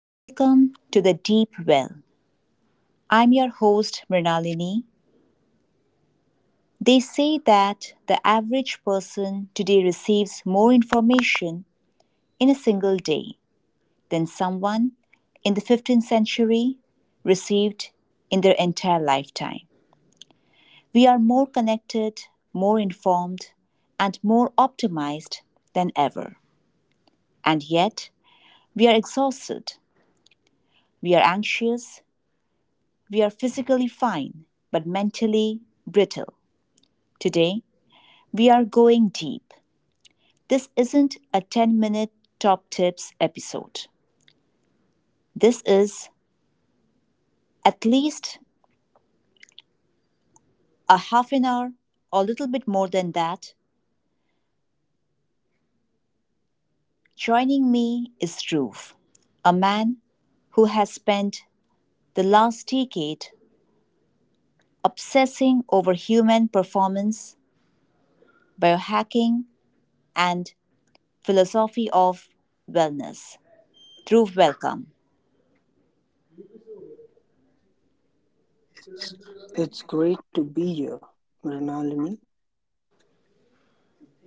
Welcome to the Deep Well. I'm your host, Mrinalini. They say that the average person today receives more information in a single day than someone in the 15th century received in their entire lifetime. We are more connected, more informed, and more optimized than ever. And yet, we are exhausted, we are anxious, we are physically fine, but mentally brittle. Today, we are going deep. This isn't a 10-minute top tips episode. This is at least a half an hour, or a little bit more than that. Joining me is Dhruv, a man who has spent the last decade obsessing over human performance, biohacking, and philosophy of wellness. Dhruv, welcome. It's, it's great to be here, Mrinalini.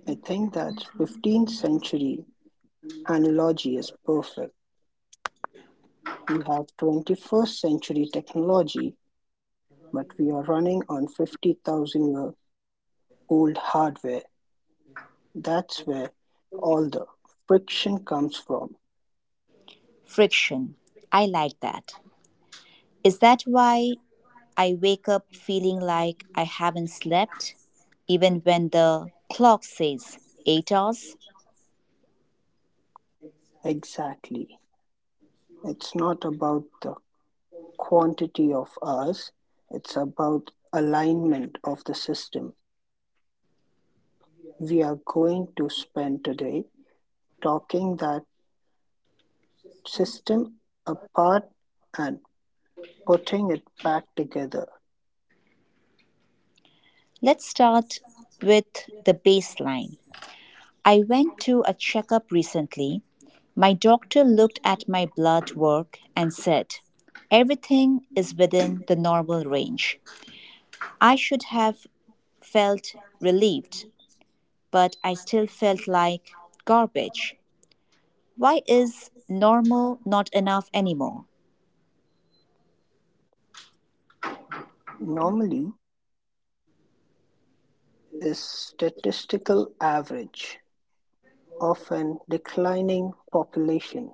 I think that 15th century analogy is perfect. We have 21st century technology, but we are running on 50,000 year old hardware. That's where all the friction comes from. Friction. I like that. Is that why I wake up feeling like I haven't slept, even when the clock says 8 hours? Exactly. It's not about the quantity hours, it's about alignment of the system we are going to spend today talking that system apart and putting it back together Let's start with the baseline. I went to a checkup recently. My doctor looked at my blood work and said, "Everything is within the normal range." I should have felt relieved, but I still felt like garbage. Why is normal not enough anymore? normally is statistical average of an declining population.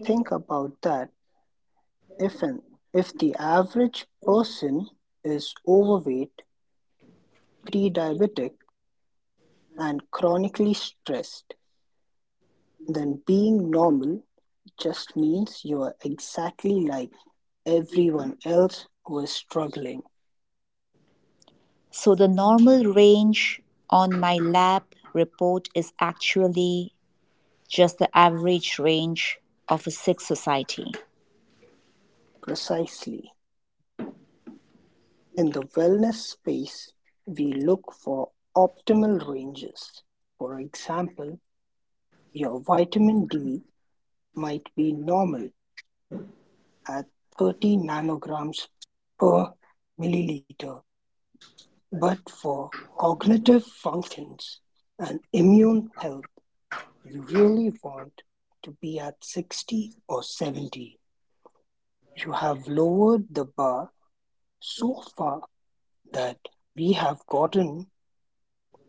Think about that if an if the average person is overweight, pre-diabetic and chronically stressed, then being normal just means you are exactly like everyone else who is struggling. So the normal range on my lab report is actually just the average range of a sick society. Precisely, in the wellness space, we look for optimal ranges. For example, your vitamin D might be normal at 30 nanograms per milliliter, but for cognitive functions and immune health, you really want to be at 60 or 70. You have lowered the bar so far that we have gotten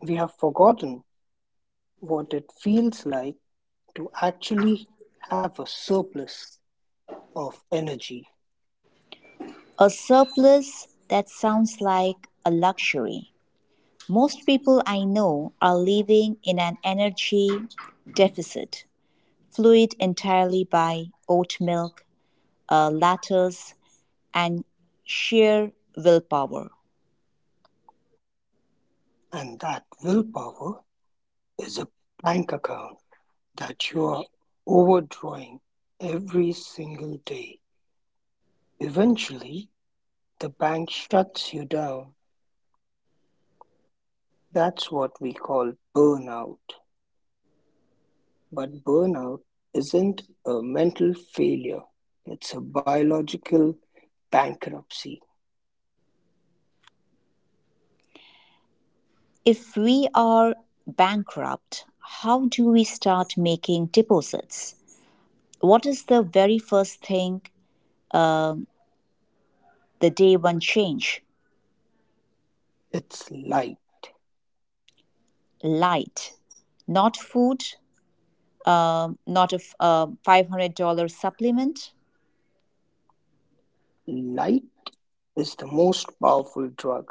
We have forgotten what it feels like to actually have a surplus of energy, A surplus, that sounds like a luxury. Most people I know are living in an energy deficit, fluid entirely by oat milk, lattes, and sheer willpower. and that willpower is a bank account that you are overdrawing every single day. Eventually, the bank shuts you down. That's what we call burnout. But burnout isn't a mental failure, it's a biological bankruptcy. If we are bankrupt, how do we start making deposits? What is the very first thing, um, the day one change? It's light. Light, not food, not a $500 supplement. Light is the most powerful drug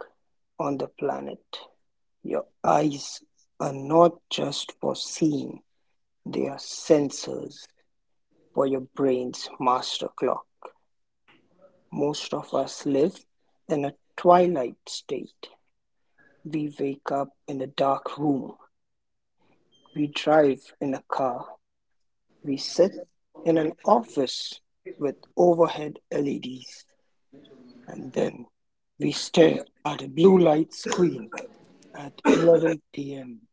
on the planet. Your eyes are not just for seeing, they are sensors for your brain's master clock. Most of us live in a twilight state. We wake up in a dark room, we drive in a car, we sit in an office with overhead LEDs, and then we stare at a blue light screen at 11 p.m.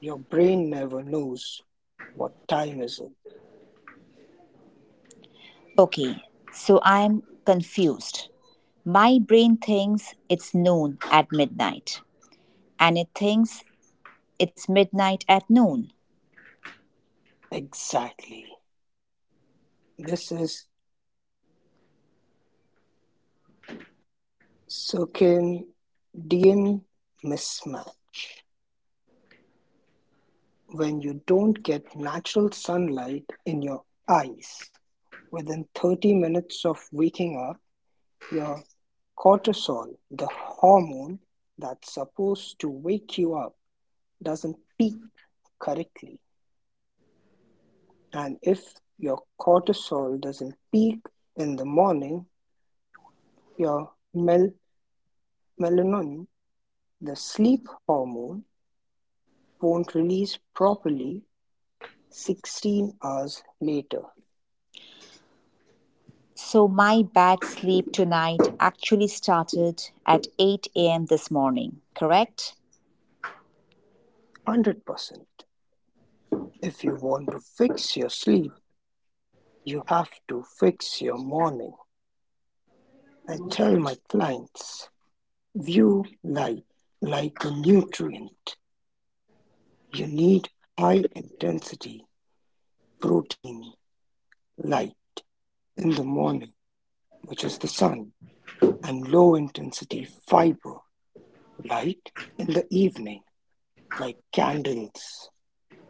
Your brain never knows what time is it Okay, so I'm confused. My brain thinks it's noon at midnight, and it thinks it's midnight at noon. exactly. This is circadian mismatch when you don't get natural sunlight in your eyes. Within 30 minutes of waking up, your cortisol, the hormone that's supposed to wake you up, doesn't peak correctly. And if your cortisol doesn't peak in the morning, your melatonin, the sleep hormone, won't release properly 16 hours later. So my bad sleep tonight actually started at 8 a.m. this morning, correct? 100%. If you want to fix your sleep, you have to fix your morning. I tell my clients view light like a nutrient. You need high intensity protein light in the morning which is the sun, and low intensity fiber light in the evening, like candles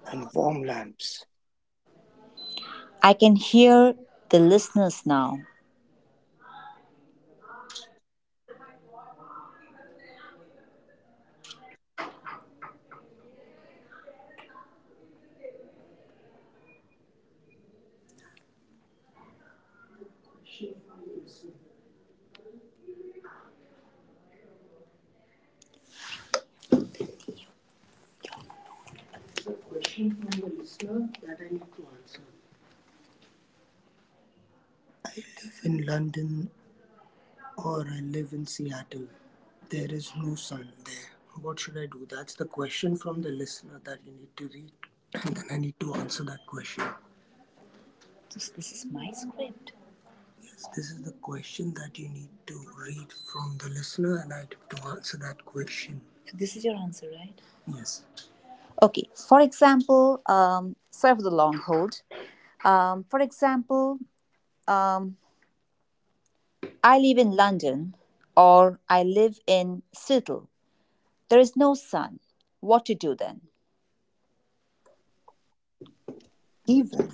and warm lamps. I can hear the listeners now. This is my script. So this is your answer, right? Okay, for example, serve the long hold. For example, um, I live in London or I live in Seattle. There is no sun. What to do then? Even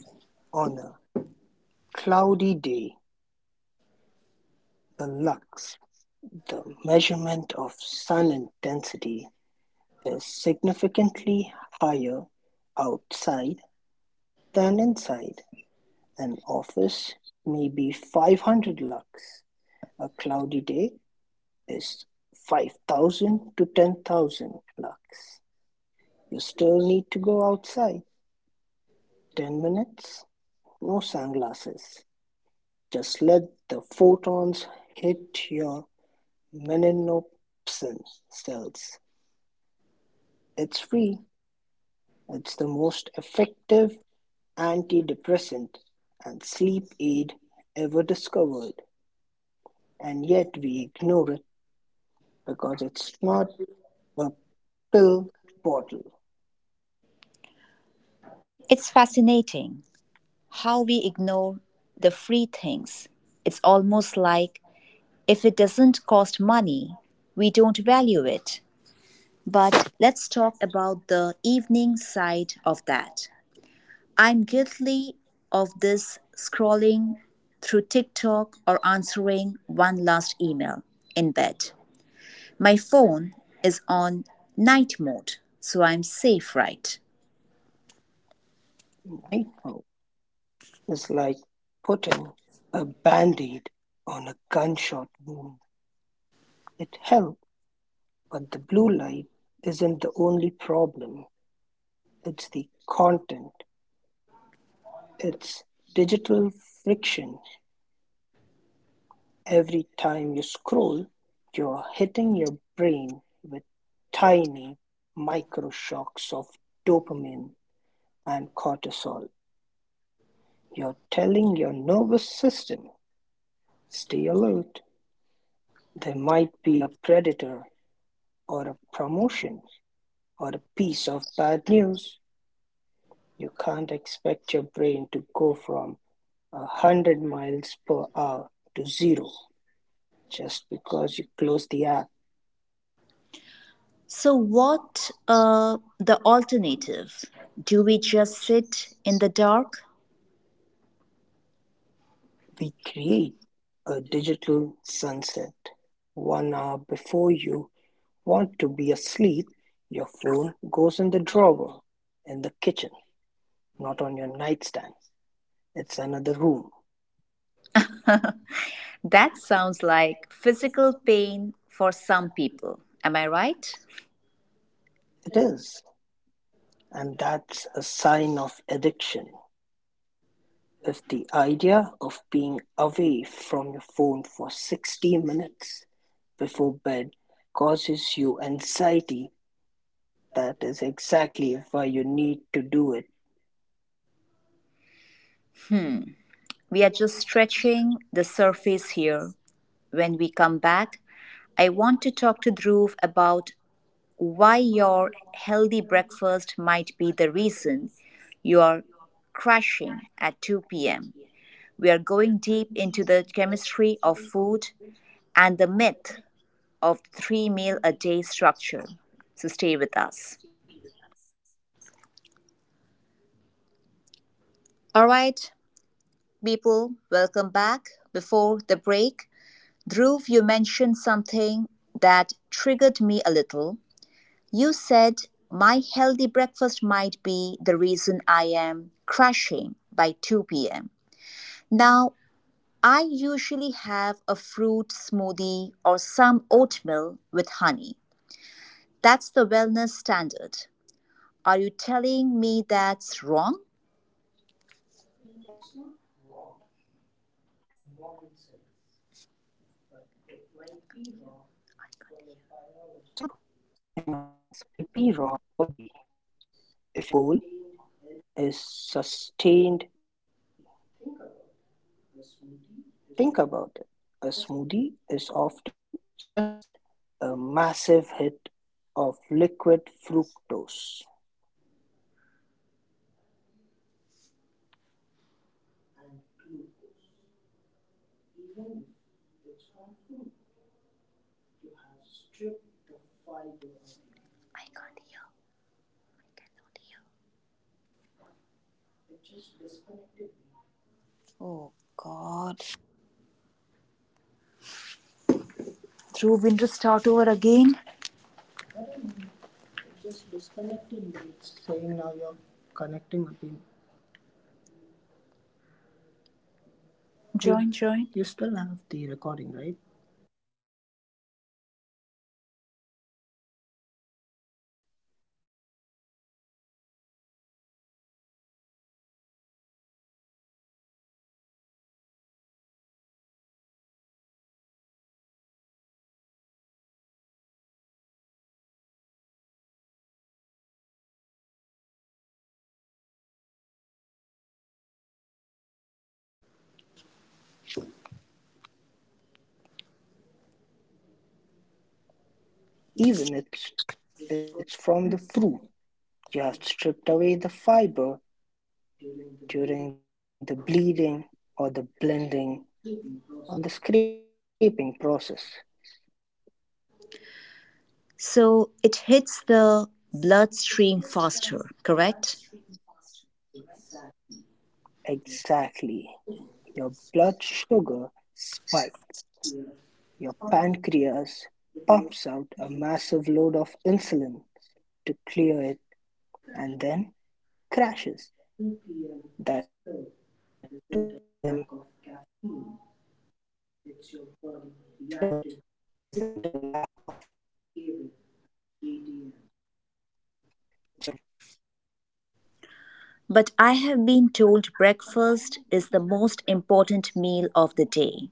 on a cloudy day, the lux, the measurement of sun intensity, is significantly higher outside than inside. An office may be 500 lux. A cloudy day is 5,000 to 10,000 lux. You still need to go outside. 10 minutes? No sunglasses. Just let the photons hit your meninopsin cells. It's free. It's the most effective antidepressant and sleep aid ever discovered. And yet we ignore it because it's not a pill bottle. It's fascinating how we ignore the free things. It's almost like if it doesn't cost money, we don't value it. But let's talk about the evening side of that. I'm guilty of this scrolling through TikTok or answering one last email in bed. My phone is on night mode, so I'm safe, right? Night mode is like putting a band aid on a gunshot wound. It helped, but the blue light isn't the only problem, it's the content, it's digital friction, every time you scroll, you're hitting your brain with tiny microshocks of dopamine and cortisol. You're telling your nervous system, stay alert, there might be a predator or a promotion or a piece of bad news. You can't expect your brain to go from a hundred miles per hour to zero just because you close the app. So, what the alternative? Do we just sit in the dark? We create a digital sunset. 1 hour before you want to be asleep, your phone goes in the drawer, in the kitchen, not on your nightstand. It's another room. That sounds like physical pain for some people. Am I right? It is. And that's a sign of addiction. Is the idea of being away from your phone for 60 minutes before bed causes you anxiety, that is exactly why you need to do it. We are just stretching the surface here. When we come back, I want to talk to Dhruv about why your healthy breakfast might be the reason you're crashing at 2 p.m. We are going deep into the chemistry of food and the myth of three meal a day structure. So stay with us. All right, people, welcome back. Before the break, Dhruv, you mentioned something that triggered me a little. You said my healthy breakfast might be the reason I am crashing by 2 p.m. Now, I usually have a fruit smoothie or some oatmeal with honey. That's the wellness standard. Are you telling me that's wrong? It's not wrong in a moral sense, but it might be wrong for your biology if your goal is sustained energy. Think about it. A smoothie is often just a massive hit of liquid fructose. I can't hear. I cannot hear. Oh God. Through winter start over again. Join. Even it's from the fruit, you have stripped away the fiber during the bleeding or the blending or the scraping process. So it hits the bloodstream faster, correct? Exactly. Your blood sugar spikes. Your pancreas pumps out a massive load of insulin to clear it and then crashes. That 2 p.m. slurp isn't a lack of caffeine, it's your body reacting to the sugar high. You gave it at 8 a.m. But I have been told breakfast is the most important meal of the day.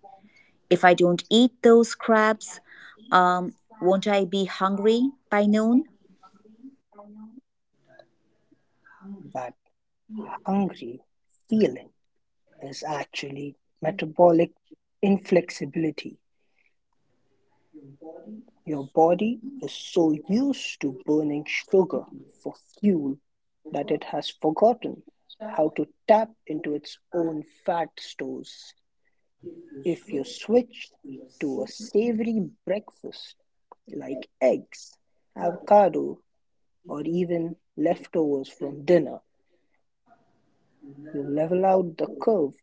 If I don't eat those crabs, um, won't I be hungry by noon? That hungry feeling is actually metabolic inflexibility. Your body is so used to burning sugar for fuel that it has forgotten how to tap own fat stores. If you switch to a savory breakfast like eggs, avocado, or even leftovers from dinner, you level out the curve.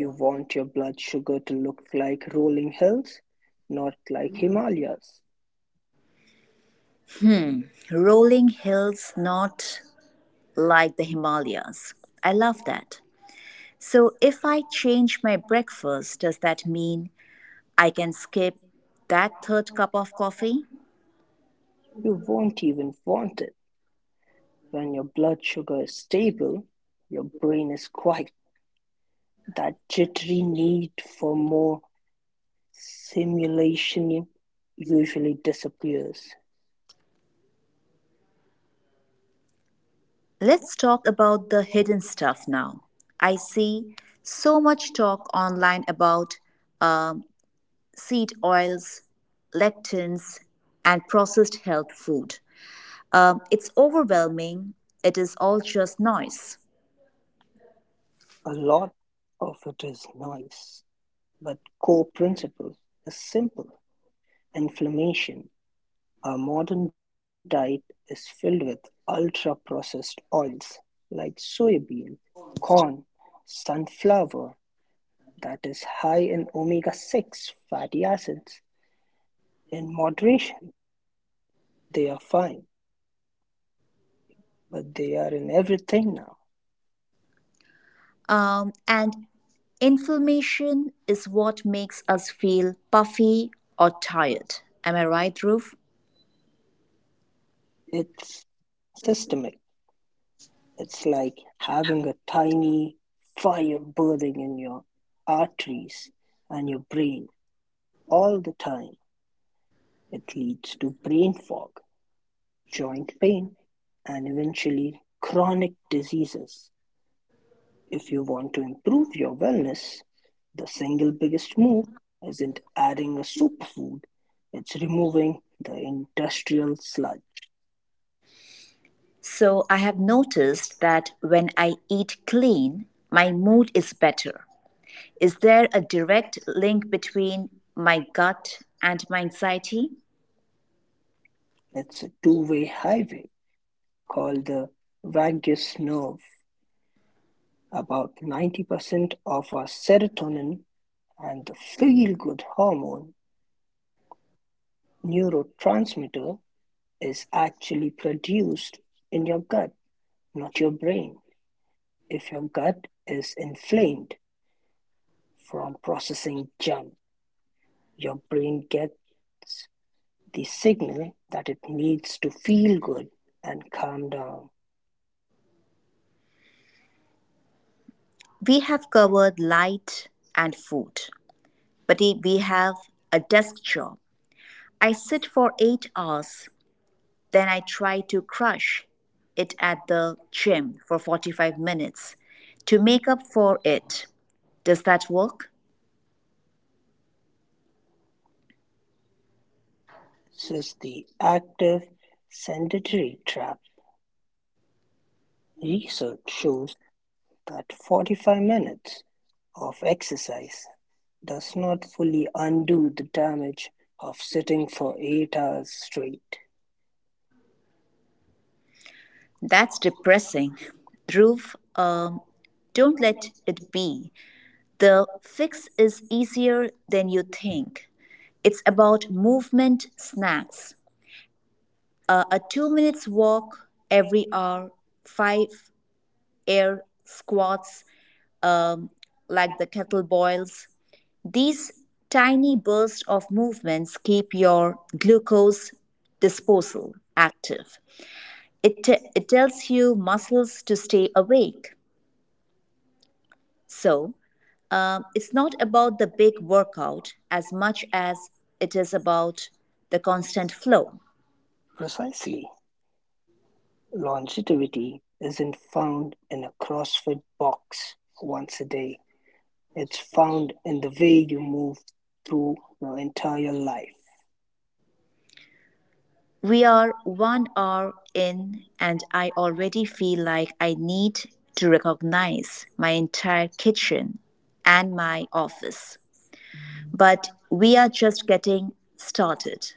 You want your blood sugar to look like rolling hills, not like Himalayas. Hmm, rolling hills, not like the Himalayas. I love that. So if I change my breakfast, does that mean I can skip that third cup of coffee? You won't even want it. When your blood sugar is stable, your brain is quiet. That jittery need for more simulation usually disappears. Let's talk about the hidden stuff now. I see so much talk online about um, seed oils, lectins, and processed health food. It's overwhelming, it is all just noise. A lot of it is noise, but core principle is simple. Inflammation. Our modern diet is filled with ultra-processed oils like soybean, corn, sunflower that is high in omega-6 fatty acids. In moderation, they are fine, but they are in everything now. And inflammation is what makes us feel puffy or tired. Am I right, Roof? It's systemic. It's like having a tiny fire burning in your arteries and your brain all the time. It leads to brain fog, joint pain, and eventually chronic diseases. If you want to improve your wellness, the single biggest move isn't adding a superfood, it's removing the industrial sludge. So I have noticed that when I eat clean, my mood is better. Is there a direct link between my gut and my anxiety? It's a two-way highway called the vagus nerve. About 90% of our serotonin and the feel good hormone neurotransmitter is actually produced in your gut, not your brain. If your gut is inflamed from processing junk, your brain gets the signal that it needs to feel good and calm down. We have covered light and food, but if we have a desk job, I sit for 8 hours, then I try to crush it at the gym for 45 minutes to make up for it. Does that work? This is the active sedentary trap. Research shows that 45 minutes of exercise does not fully undo the damage of sitting for 8 hours straight. That's depressing. Dhruv, don't let it be. The fix is easier than you think. It's about movement snacks. A 2 minutes walk every hour, five air squats, um, like the kettlebells. These tiny bursts of movements keep your glucose disposal active. It tells you muscles to stay awake. So it's not about the big workout as much as it is about the constant flow. Precisely. Longevity isn't found in a CrossFit box once a day. It's found in the way you move through your entire life. We are 1 hour in, and I already feel like I need to recognize my entire kitchen and my office. But we are just getting started.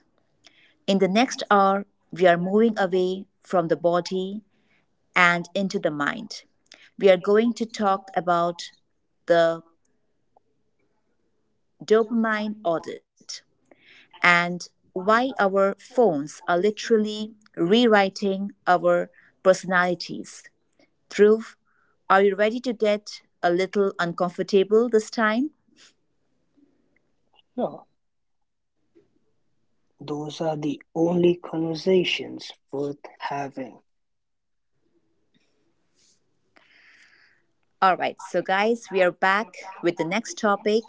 In the next hour, we are moving away from the body and into the mind. We are going to talk about the dopamine audit and why our phones are literally rewriting our personalities. Dhruv, are you ready to get a little uncomfortable this time? Yeah, those are the only conversations worth having. All right, so guys, we are back with the next topic.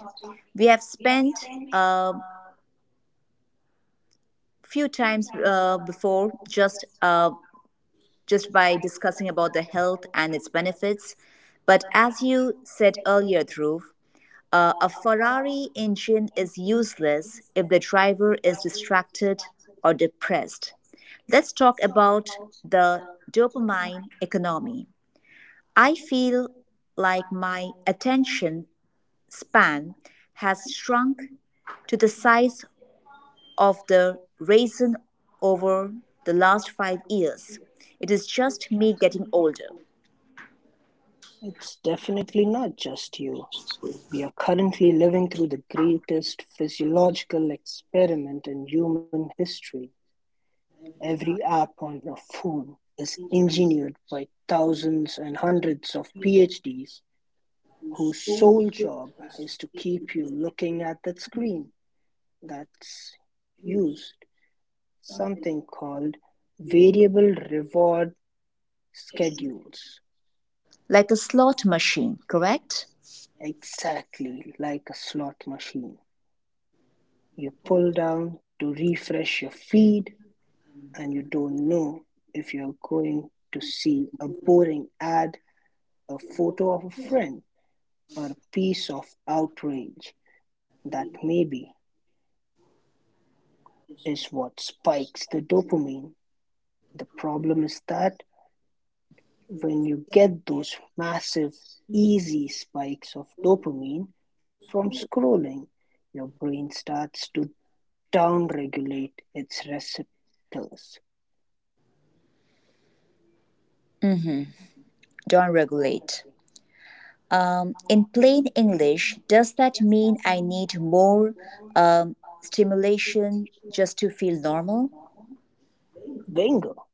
We have spent a few times before just by discussing about the health and its benefits, but as you said earlier, Dhruv, a Ferrari engine is useless if the driver is distracted or depressed. Let's talk about the dopamine economy. I feel like my attention span has shrunk to the size of the raisin over the last 5 years. It is just me getting older. It's definitely not just you. We are currently living through the greatest physiological experiment in human history. Every app on your phone is engineered by thousands and hundreds of PhDs whose sole job is to keep you looking at that screen. That's used something called variable reward schedules Like a slot machine, correct? exactly like a slot machine. You pull down to refresh your feed and you don't know if you're going to see a boring ad, a photo of a friend, or a piece of outrage that maybe is what spikes the dopamine. The problem is that when you get those massive, easy spikes of dopamine from scrolling, your brain starts to downregulate its receptors. Don't regulate. In plain English, does that mean I need more, stimulation just to feel normal? Bingo!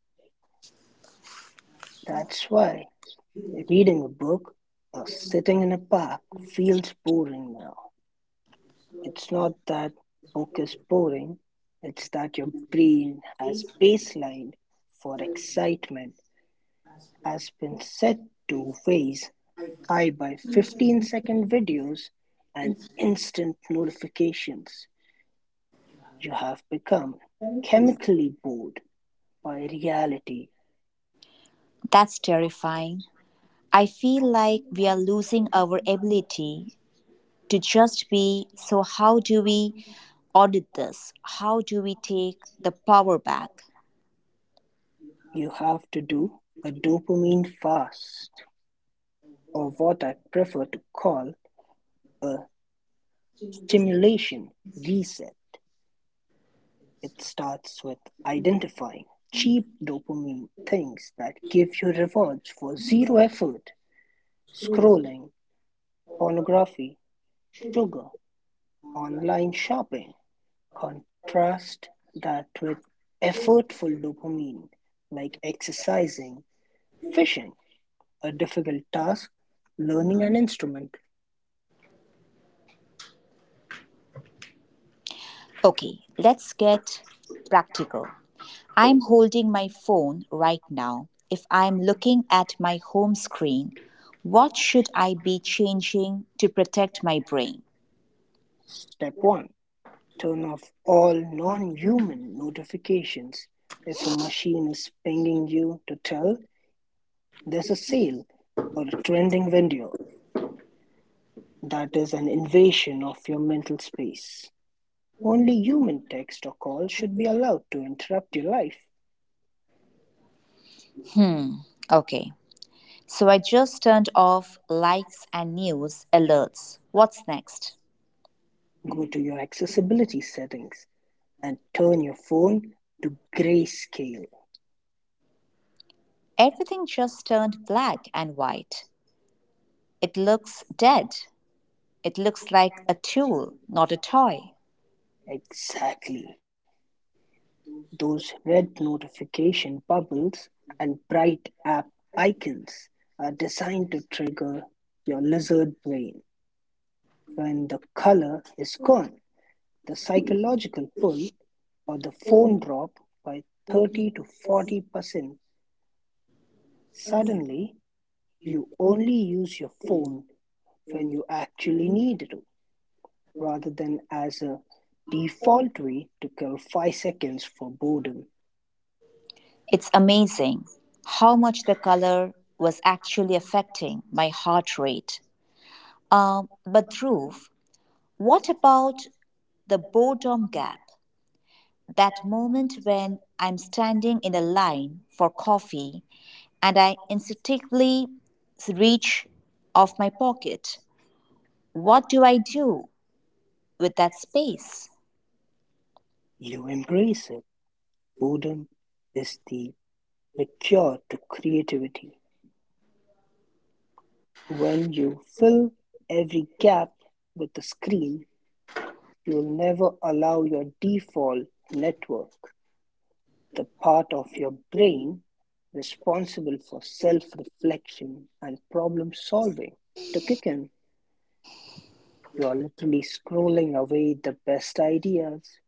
That's why reading a book or sitting in a park feels boring now. It's not that book is boring, it's that your brain has baseline for excitement has been set to ways I buy 15-second videos and instant notifications. You have become chemically bored by reality. That's terrifying. I feel like we are losing our ability to just be. So, how do we audit this? How do we take the power back? You have to do a dopamine fast, or what I prefer to call a stimulation reset. It starts with identifying cheap dopamine things that give you rewards for zero effort: scrolling, pornography, sugar, online shopping. Contrast that with effortful dopamine, like exercising, fishing, a difficult task, learning an instrument. Okay, let's get practical. I'm holding my phone right now. If I'm looking at my home screen, what should I be changing to protect my brain? Step 1: turn off all non human notifications. If a machine is pinging you to tell there's a sale or a trending video, that is an invasion of your mental space. Only human text or call should be allowed to interrupt your life. Hmm, okay. So I just turned off likes and news alerts. What's next? Go to your accessibility settings and turn your phone to grayscale. Everything just turned black and white. It looks dead. It looks like a tool, not a toy. Exactly. Those red notification bubbles and bright app icons are designed to trigger your lizard brain. When the color is gone, the psychological pull or the phone drop by 30 to 40%. Suddenly, you only use your phone when you actually need to, rather than as a default way to kill 5 seconds for boredom. It's amazing how much the color was actually affecting my heart rate. But Dhruv, what about the boredom gap? That moment when I'm standing in a line for coffee and I instinctively reach off my pocket. What do I do with that space? You embrace it. Boredom is the cure to creativity. When you fill every gap with a screen, you will never allow your default network, the part of your brain responsible for self reflection and problem solving, to kick in. You are literally scrolling away the best ideas.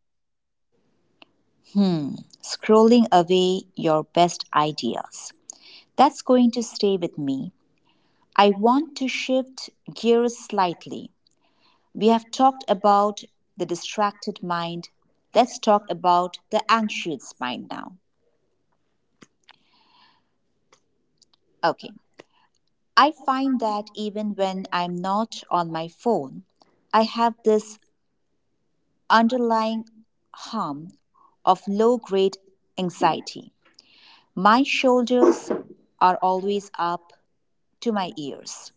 Hmm, scrolling away your best ideas. That's going to stay with me. I want to shift gears slightly. We have talked about the distracted mind. Let's talk about the anxious mind now. Okay. I find that even when I'm not on my phone, I have this underlying hum of low grade anxiety. My shoulders are always up to my ears.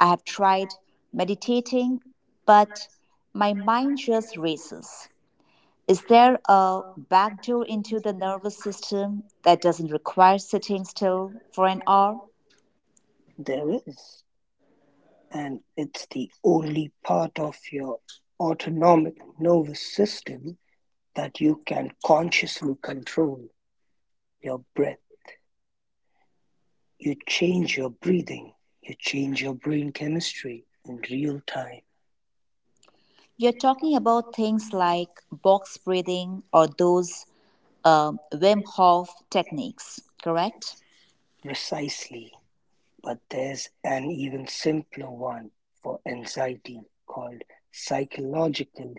I have tried meditating, but my mind just races. Is there a backdoor into the nervous system that doesn't require sitting still for an hour? There is, and it's the only part of your autonomic nervous system that you can consciously control: your breath. You change your breathing, you change your brain chemistry in real time, You're talking about things like box breathing or those, Wim Hof techniques, correct? precisely. But there's an even simpler one for anxiety called psychological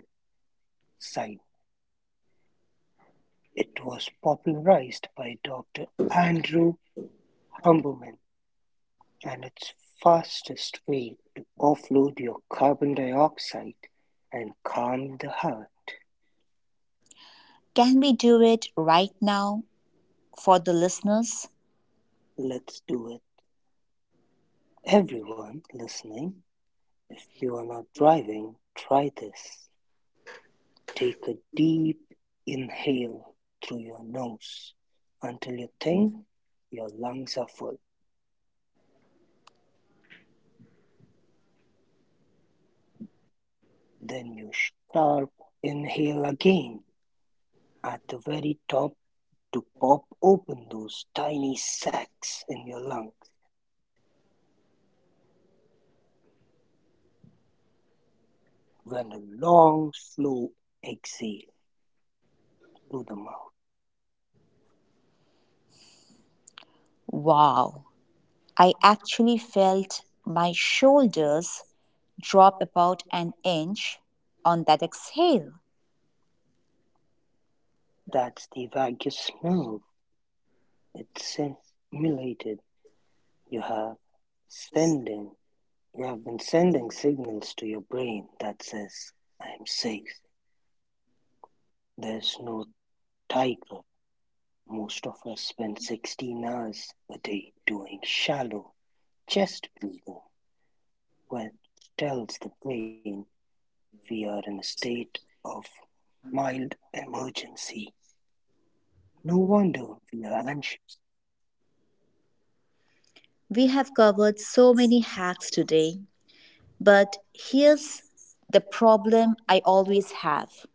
sign. It was popularized by Dr. Andrew Huberman. And its fastest way to offload your carbon dioxide and calm the heart. Can we do it right now for the listeners? Let's do it. Everyone listening, if you are not driving, try this. Take a deep inhale through your nose until you think your lungs are full. Then you sharp inhale again at the very top to pop open those tiny sacs in your lung. When a long slow exhale through the mouth. Wow, I actually felt my shoulders drop about an inch on that exhale. That's the vagus nerve. It's stimulated. You have sending you have been sending signals to your brain that says, I'm safe. There's no tiger. Most of us spend 16 hours a day doing shallow chest breathing, which tells the brain we are in a state of mild emergency. No wonder we are anxious, We have covered so many hacks today. But here's the problem I always have.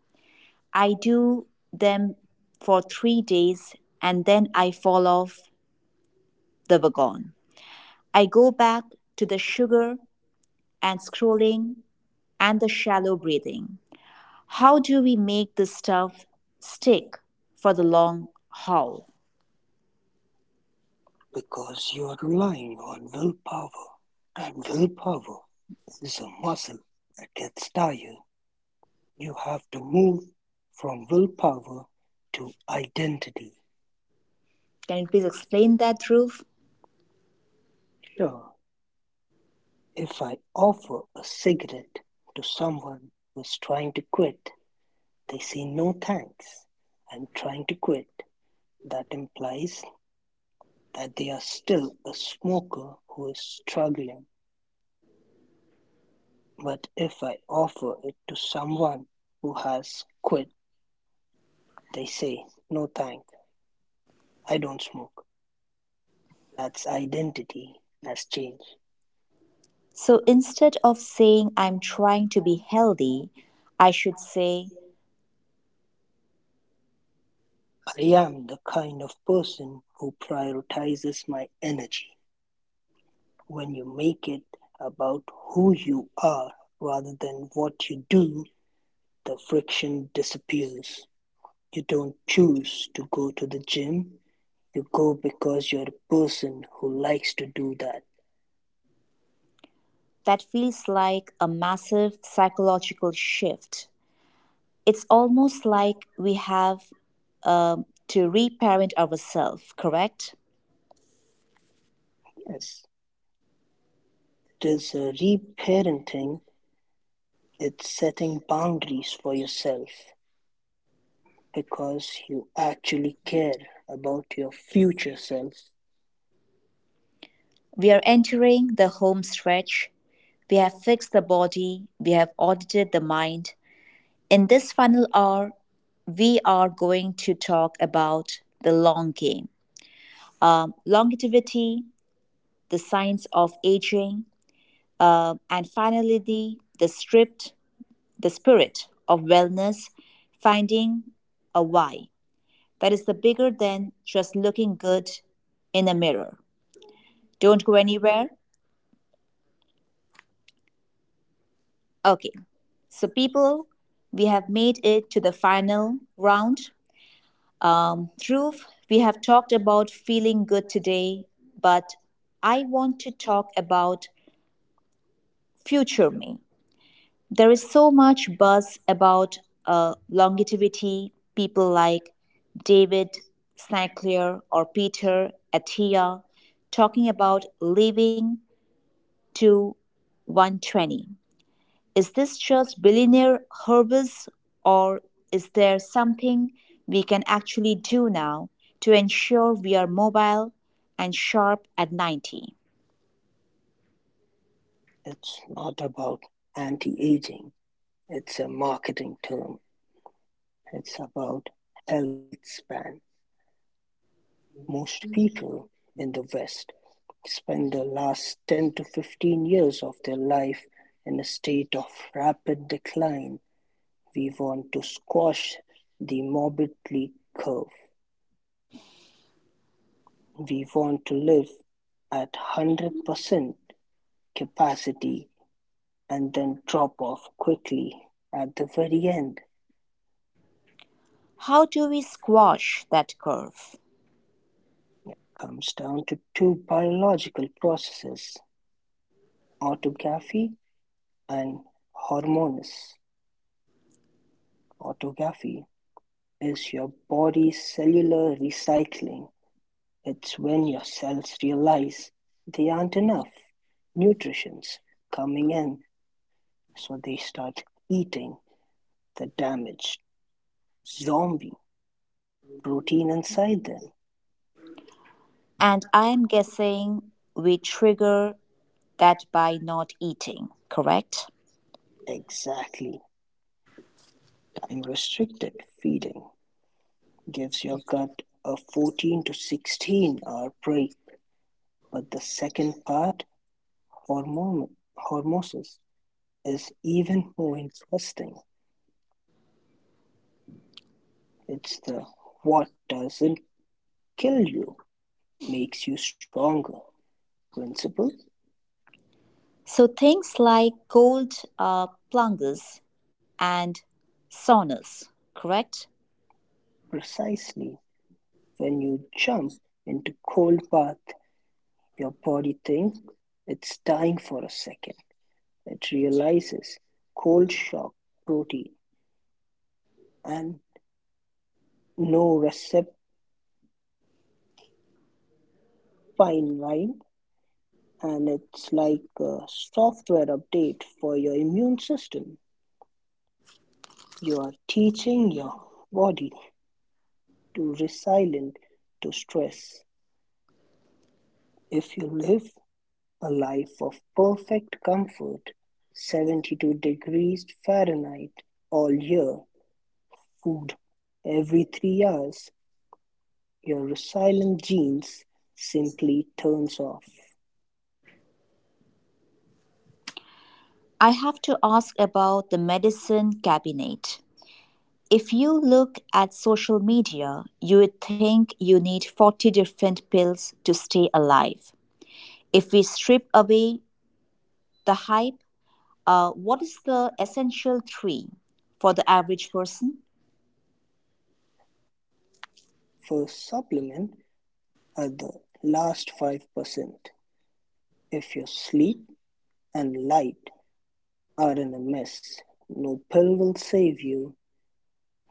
I do them for 3 days and then I fall off the wagon. I go back to the sugar and scrolling and the shallow breathing. How do we make this stuff stick for the long haul? because you are relying on willpower, and willpower is a muscle that gets tired. You have to move from willpower to identity. Can you please explain that, Dhruv? Sure, if I offer a cigarette to someone who's trying to quit, they say no thanks. I'm trying to quit. That implies that they are still a smoker who is struggling. But if I offer it to someone who has quit, they say, no thank, I don't smoke. That's identity has changed. So instead of saying I'm trying to be healthy, I should say, I am the kind of person who prioritizes my energy. When you make it about who you are rather than what you do, the friction disappears. You don't choose to go to the gym. You go because you're a person who likes to do that. that feels like a massive psychological shift. It's almost like we have, to reparent ourselves, correct? Yes, it is re-parenting, it's setting boundaries for yourself because you actually care about your future self. We are entering the home stretch. We have fixed the body, we have audited the mind. In this final hour, we are going to talk about the long game, longevity, the signs of aging, and finally, the stripped the spirit of wellness, finding a why that is the bigger than just looking good in a mirror. Don't go anywhere. Okay, so people, we have made it to the final round. Dhruv, we have talked about feeling good today, but I want to talk about future me. There is so much buzz about longevity. People like David Sinclair or Peter Attia talking about living to 120. Is this just billionaire hubris, or is there something we can actually do now to ensure we are mobile and sharp at 90? It's not about anti-aging, it's a marketing term. It's about health span. Most people in the West spend the last 10 to 15 years of their life in a state of rapid decline. We want to squash the morbidly curve. We want to live at 100% capacity and then drop off quickly at the very end. How do we squash that curve? Comes down to two biological processes, autophagy and hormones. Autophagy is your body's cellular recycling. It's when your cells realize they aren't enough nutrients coming in, so they start eating the damaged zombie protein inside them. And I'm guessing we trigger that by not eating, correct? Exactly, time-restricted feeding gives your gut a 14 to 16-hour break, but the second part, hormosis, is even more interesting. It's the what doesn't kill you makes you stronger principle. So things like cold plunges and saunas, correct? Precisely. When you jump into cold bath, your body thinks it's dying for a second. It releases cold shock protein and norepinephrine, and it's like a software update for your immune system. You are teaching your body to be resilient to stress. If you live a life of perfect comfort, 72 degrees Fahrenheit all year, food every 3 hours, your resilient genes simply turns off. I have to ask about the medicine cabinet. If you look at social media, you would think you need 40 different pills to stay alive. If we strip away the hype, what is the essential three for the average person? First supplement at the last 5%. If your sleep and light are in a mess, no pill will save you.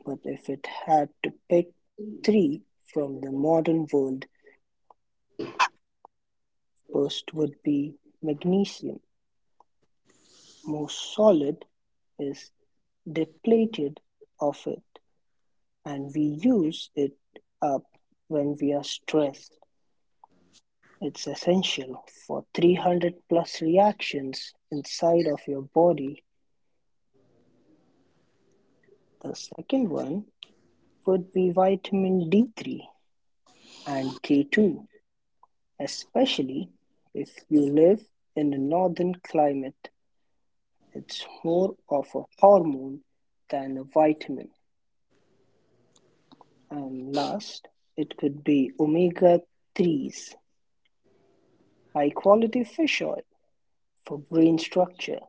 But if it had to pick three from the modern world, first would be magnesium. Most solid is depleted of it, and we use it up when we are stressed. It's essential for 300 plus reactions inside of your body. The second one would be vitamin D3 and K2, especially if you live in a northern climate. It's more of a hormone than a vitamin. And last, it could be omega 3s, high quality fish oil for brain structure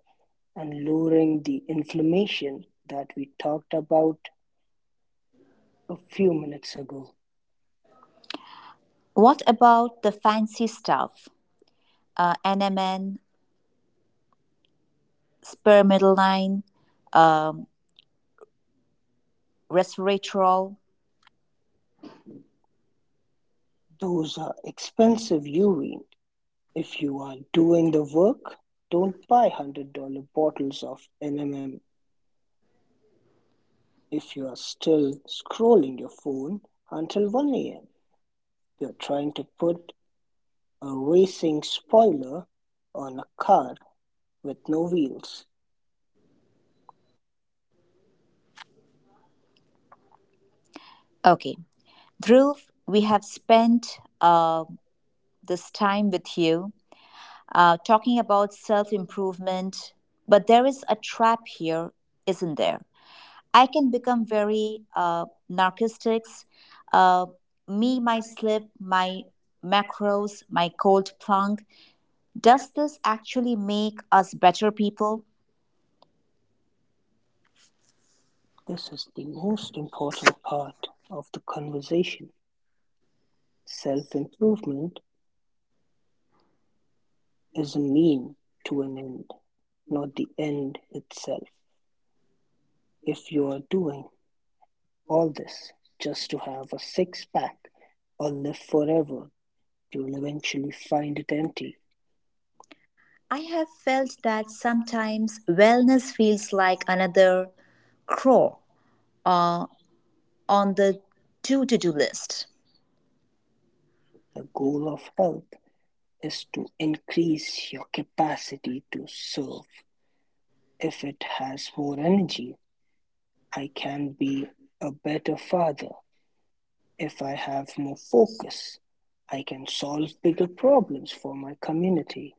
and lowering the inflammation that we talked about a few minutes ago. What about the fancy stuff? NMN, spermidine, um, resveratrol. Those are expensive urine. If you are doing the work, don't buy $100 bottles of NMM. If you are still scrolling your phone until 1 a.m., you're trying to put a racing spoiler on a car with no wheels. Okay, Dhruv, we have spent this time with you talking about self improvement, but there is a trap here, isn't there? I can become very, narcissistic. Uh, Me, my slip, my macros, my cold plunk. Does this actually make us better people? This is the most important part of the conversation. Self improvement is a mean to an end, not the end itself. If you're doing all this just to have a six-pack or live forever, you'll eventually find it empty. I have felt that sometimes wellness feels like another chore, uh, on the do to do list. The goal of health is to increase your capacity to serve. If it has more energy, I can be a better father. If I have more focus, I can solve bigger problems for my community.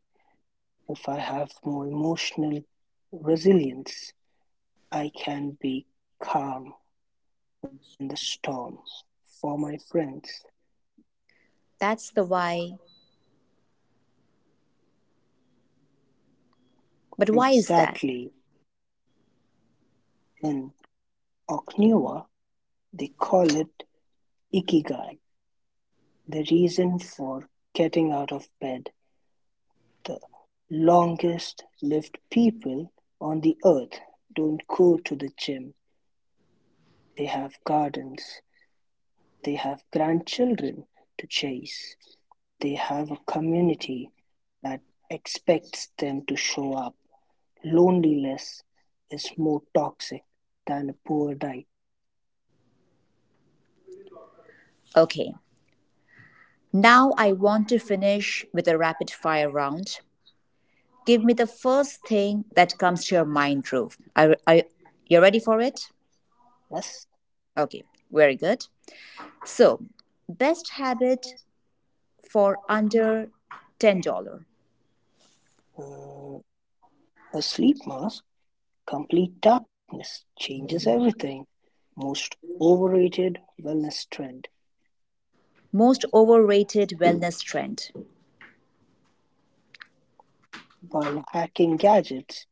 If I have more emotional resilience, I can be calm in the storm for my friends. That's the why. But why is that? Exactly. In Okinawa, they call it ikigai, the reason for getting out of bed. The longest lived people on the earth don't go to the gym. They have gardens, they have grandchildren to chase, they have a community that expects them to show up. Loneliness is more toxic than a poor diet. Okay, now I want to finish with a rapid fire round. Give me the first thing that comes to your mind, Dhruv. Are you ready for it? Plus, Okay, very good. So, best habit for under $10. uh, a sleep mask, complete darkness, changes everything. Most overrated wellness trend. Most overrated wellness trend. Biohacking gadgets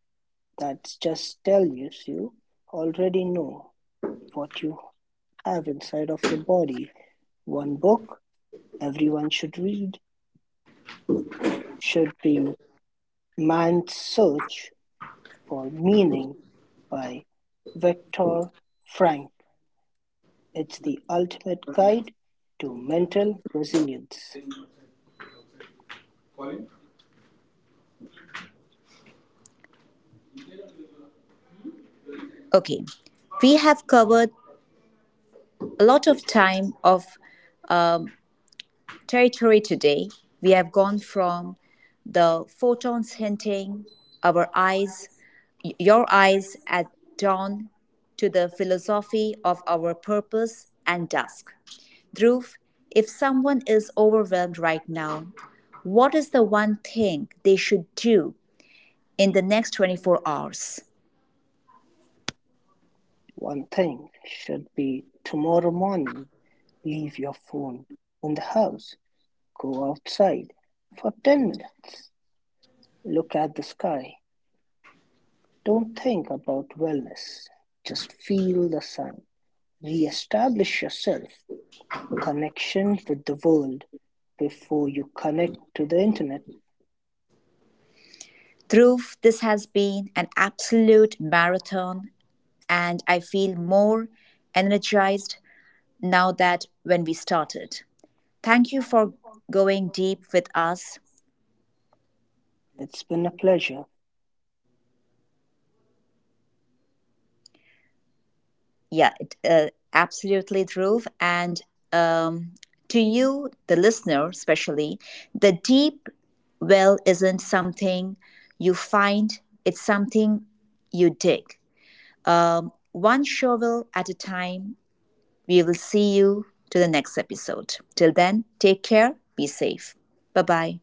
that just tell you you already know what you have inside of your body. One book everyone should read should be Man's Search for Meaning by Viktor Frankl. It's the ultimate guide to mental resilience. Okay, we have covered a lot of time of territory today. We have gone from the photons hinting our eyes, your eyes at dawn, to the philosophy of our purpose and dusk. Dhruv, if someone is overwhelmed right now, what is the one thing they should do in the next 24 hours? One thing should be tomorrow morning, leave your phone in the house, go outside for 10 minutes, look at the sky. Don't think about wellness, just feel the sun. Re-establish yourself, connection with the world before you connect to the internet. Dhruv, this has been an absolute marathon, and I feel more energized now that when we started. Thank you for going deep with us. It's been a pleasure. Yeah, absolutely, Dhruv. And um, to you, the listener, especially, the deep well isn't something you find, it's something you dig. One shovel at a time, we will see you to the next episode. Till then, take care, be safe. Bye bye.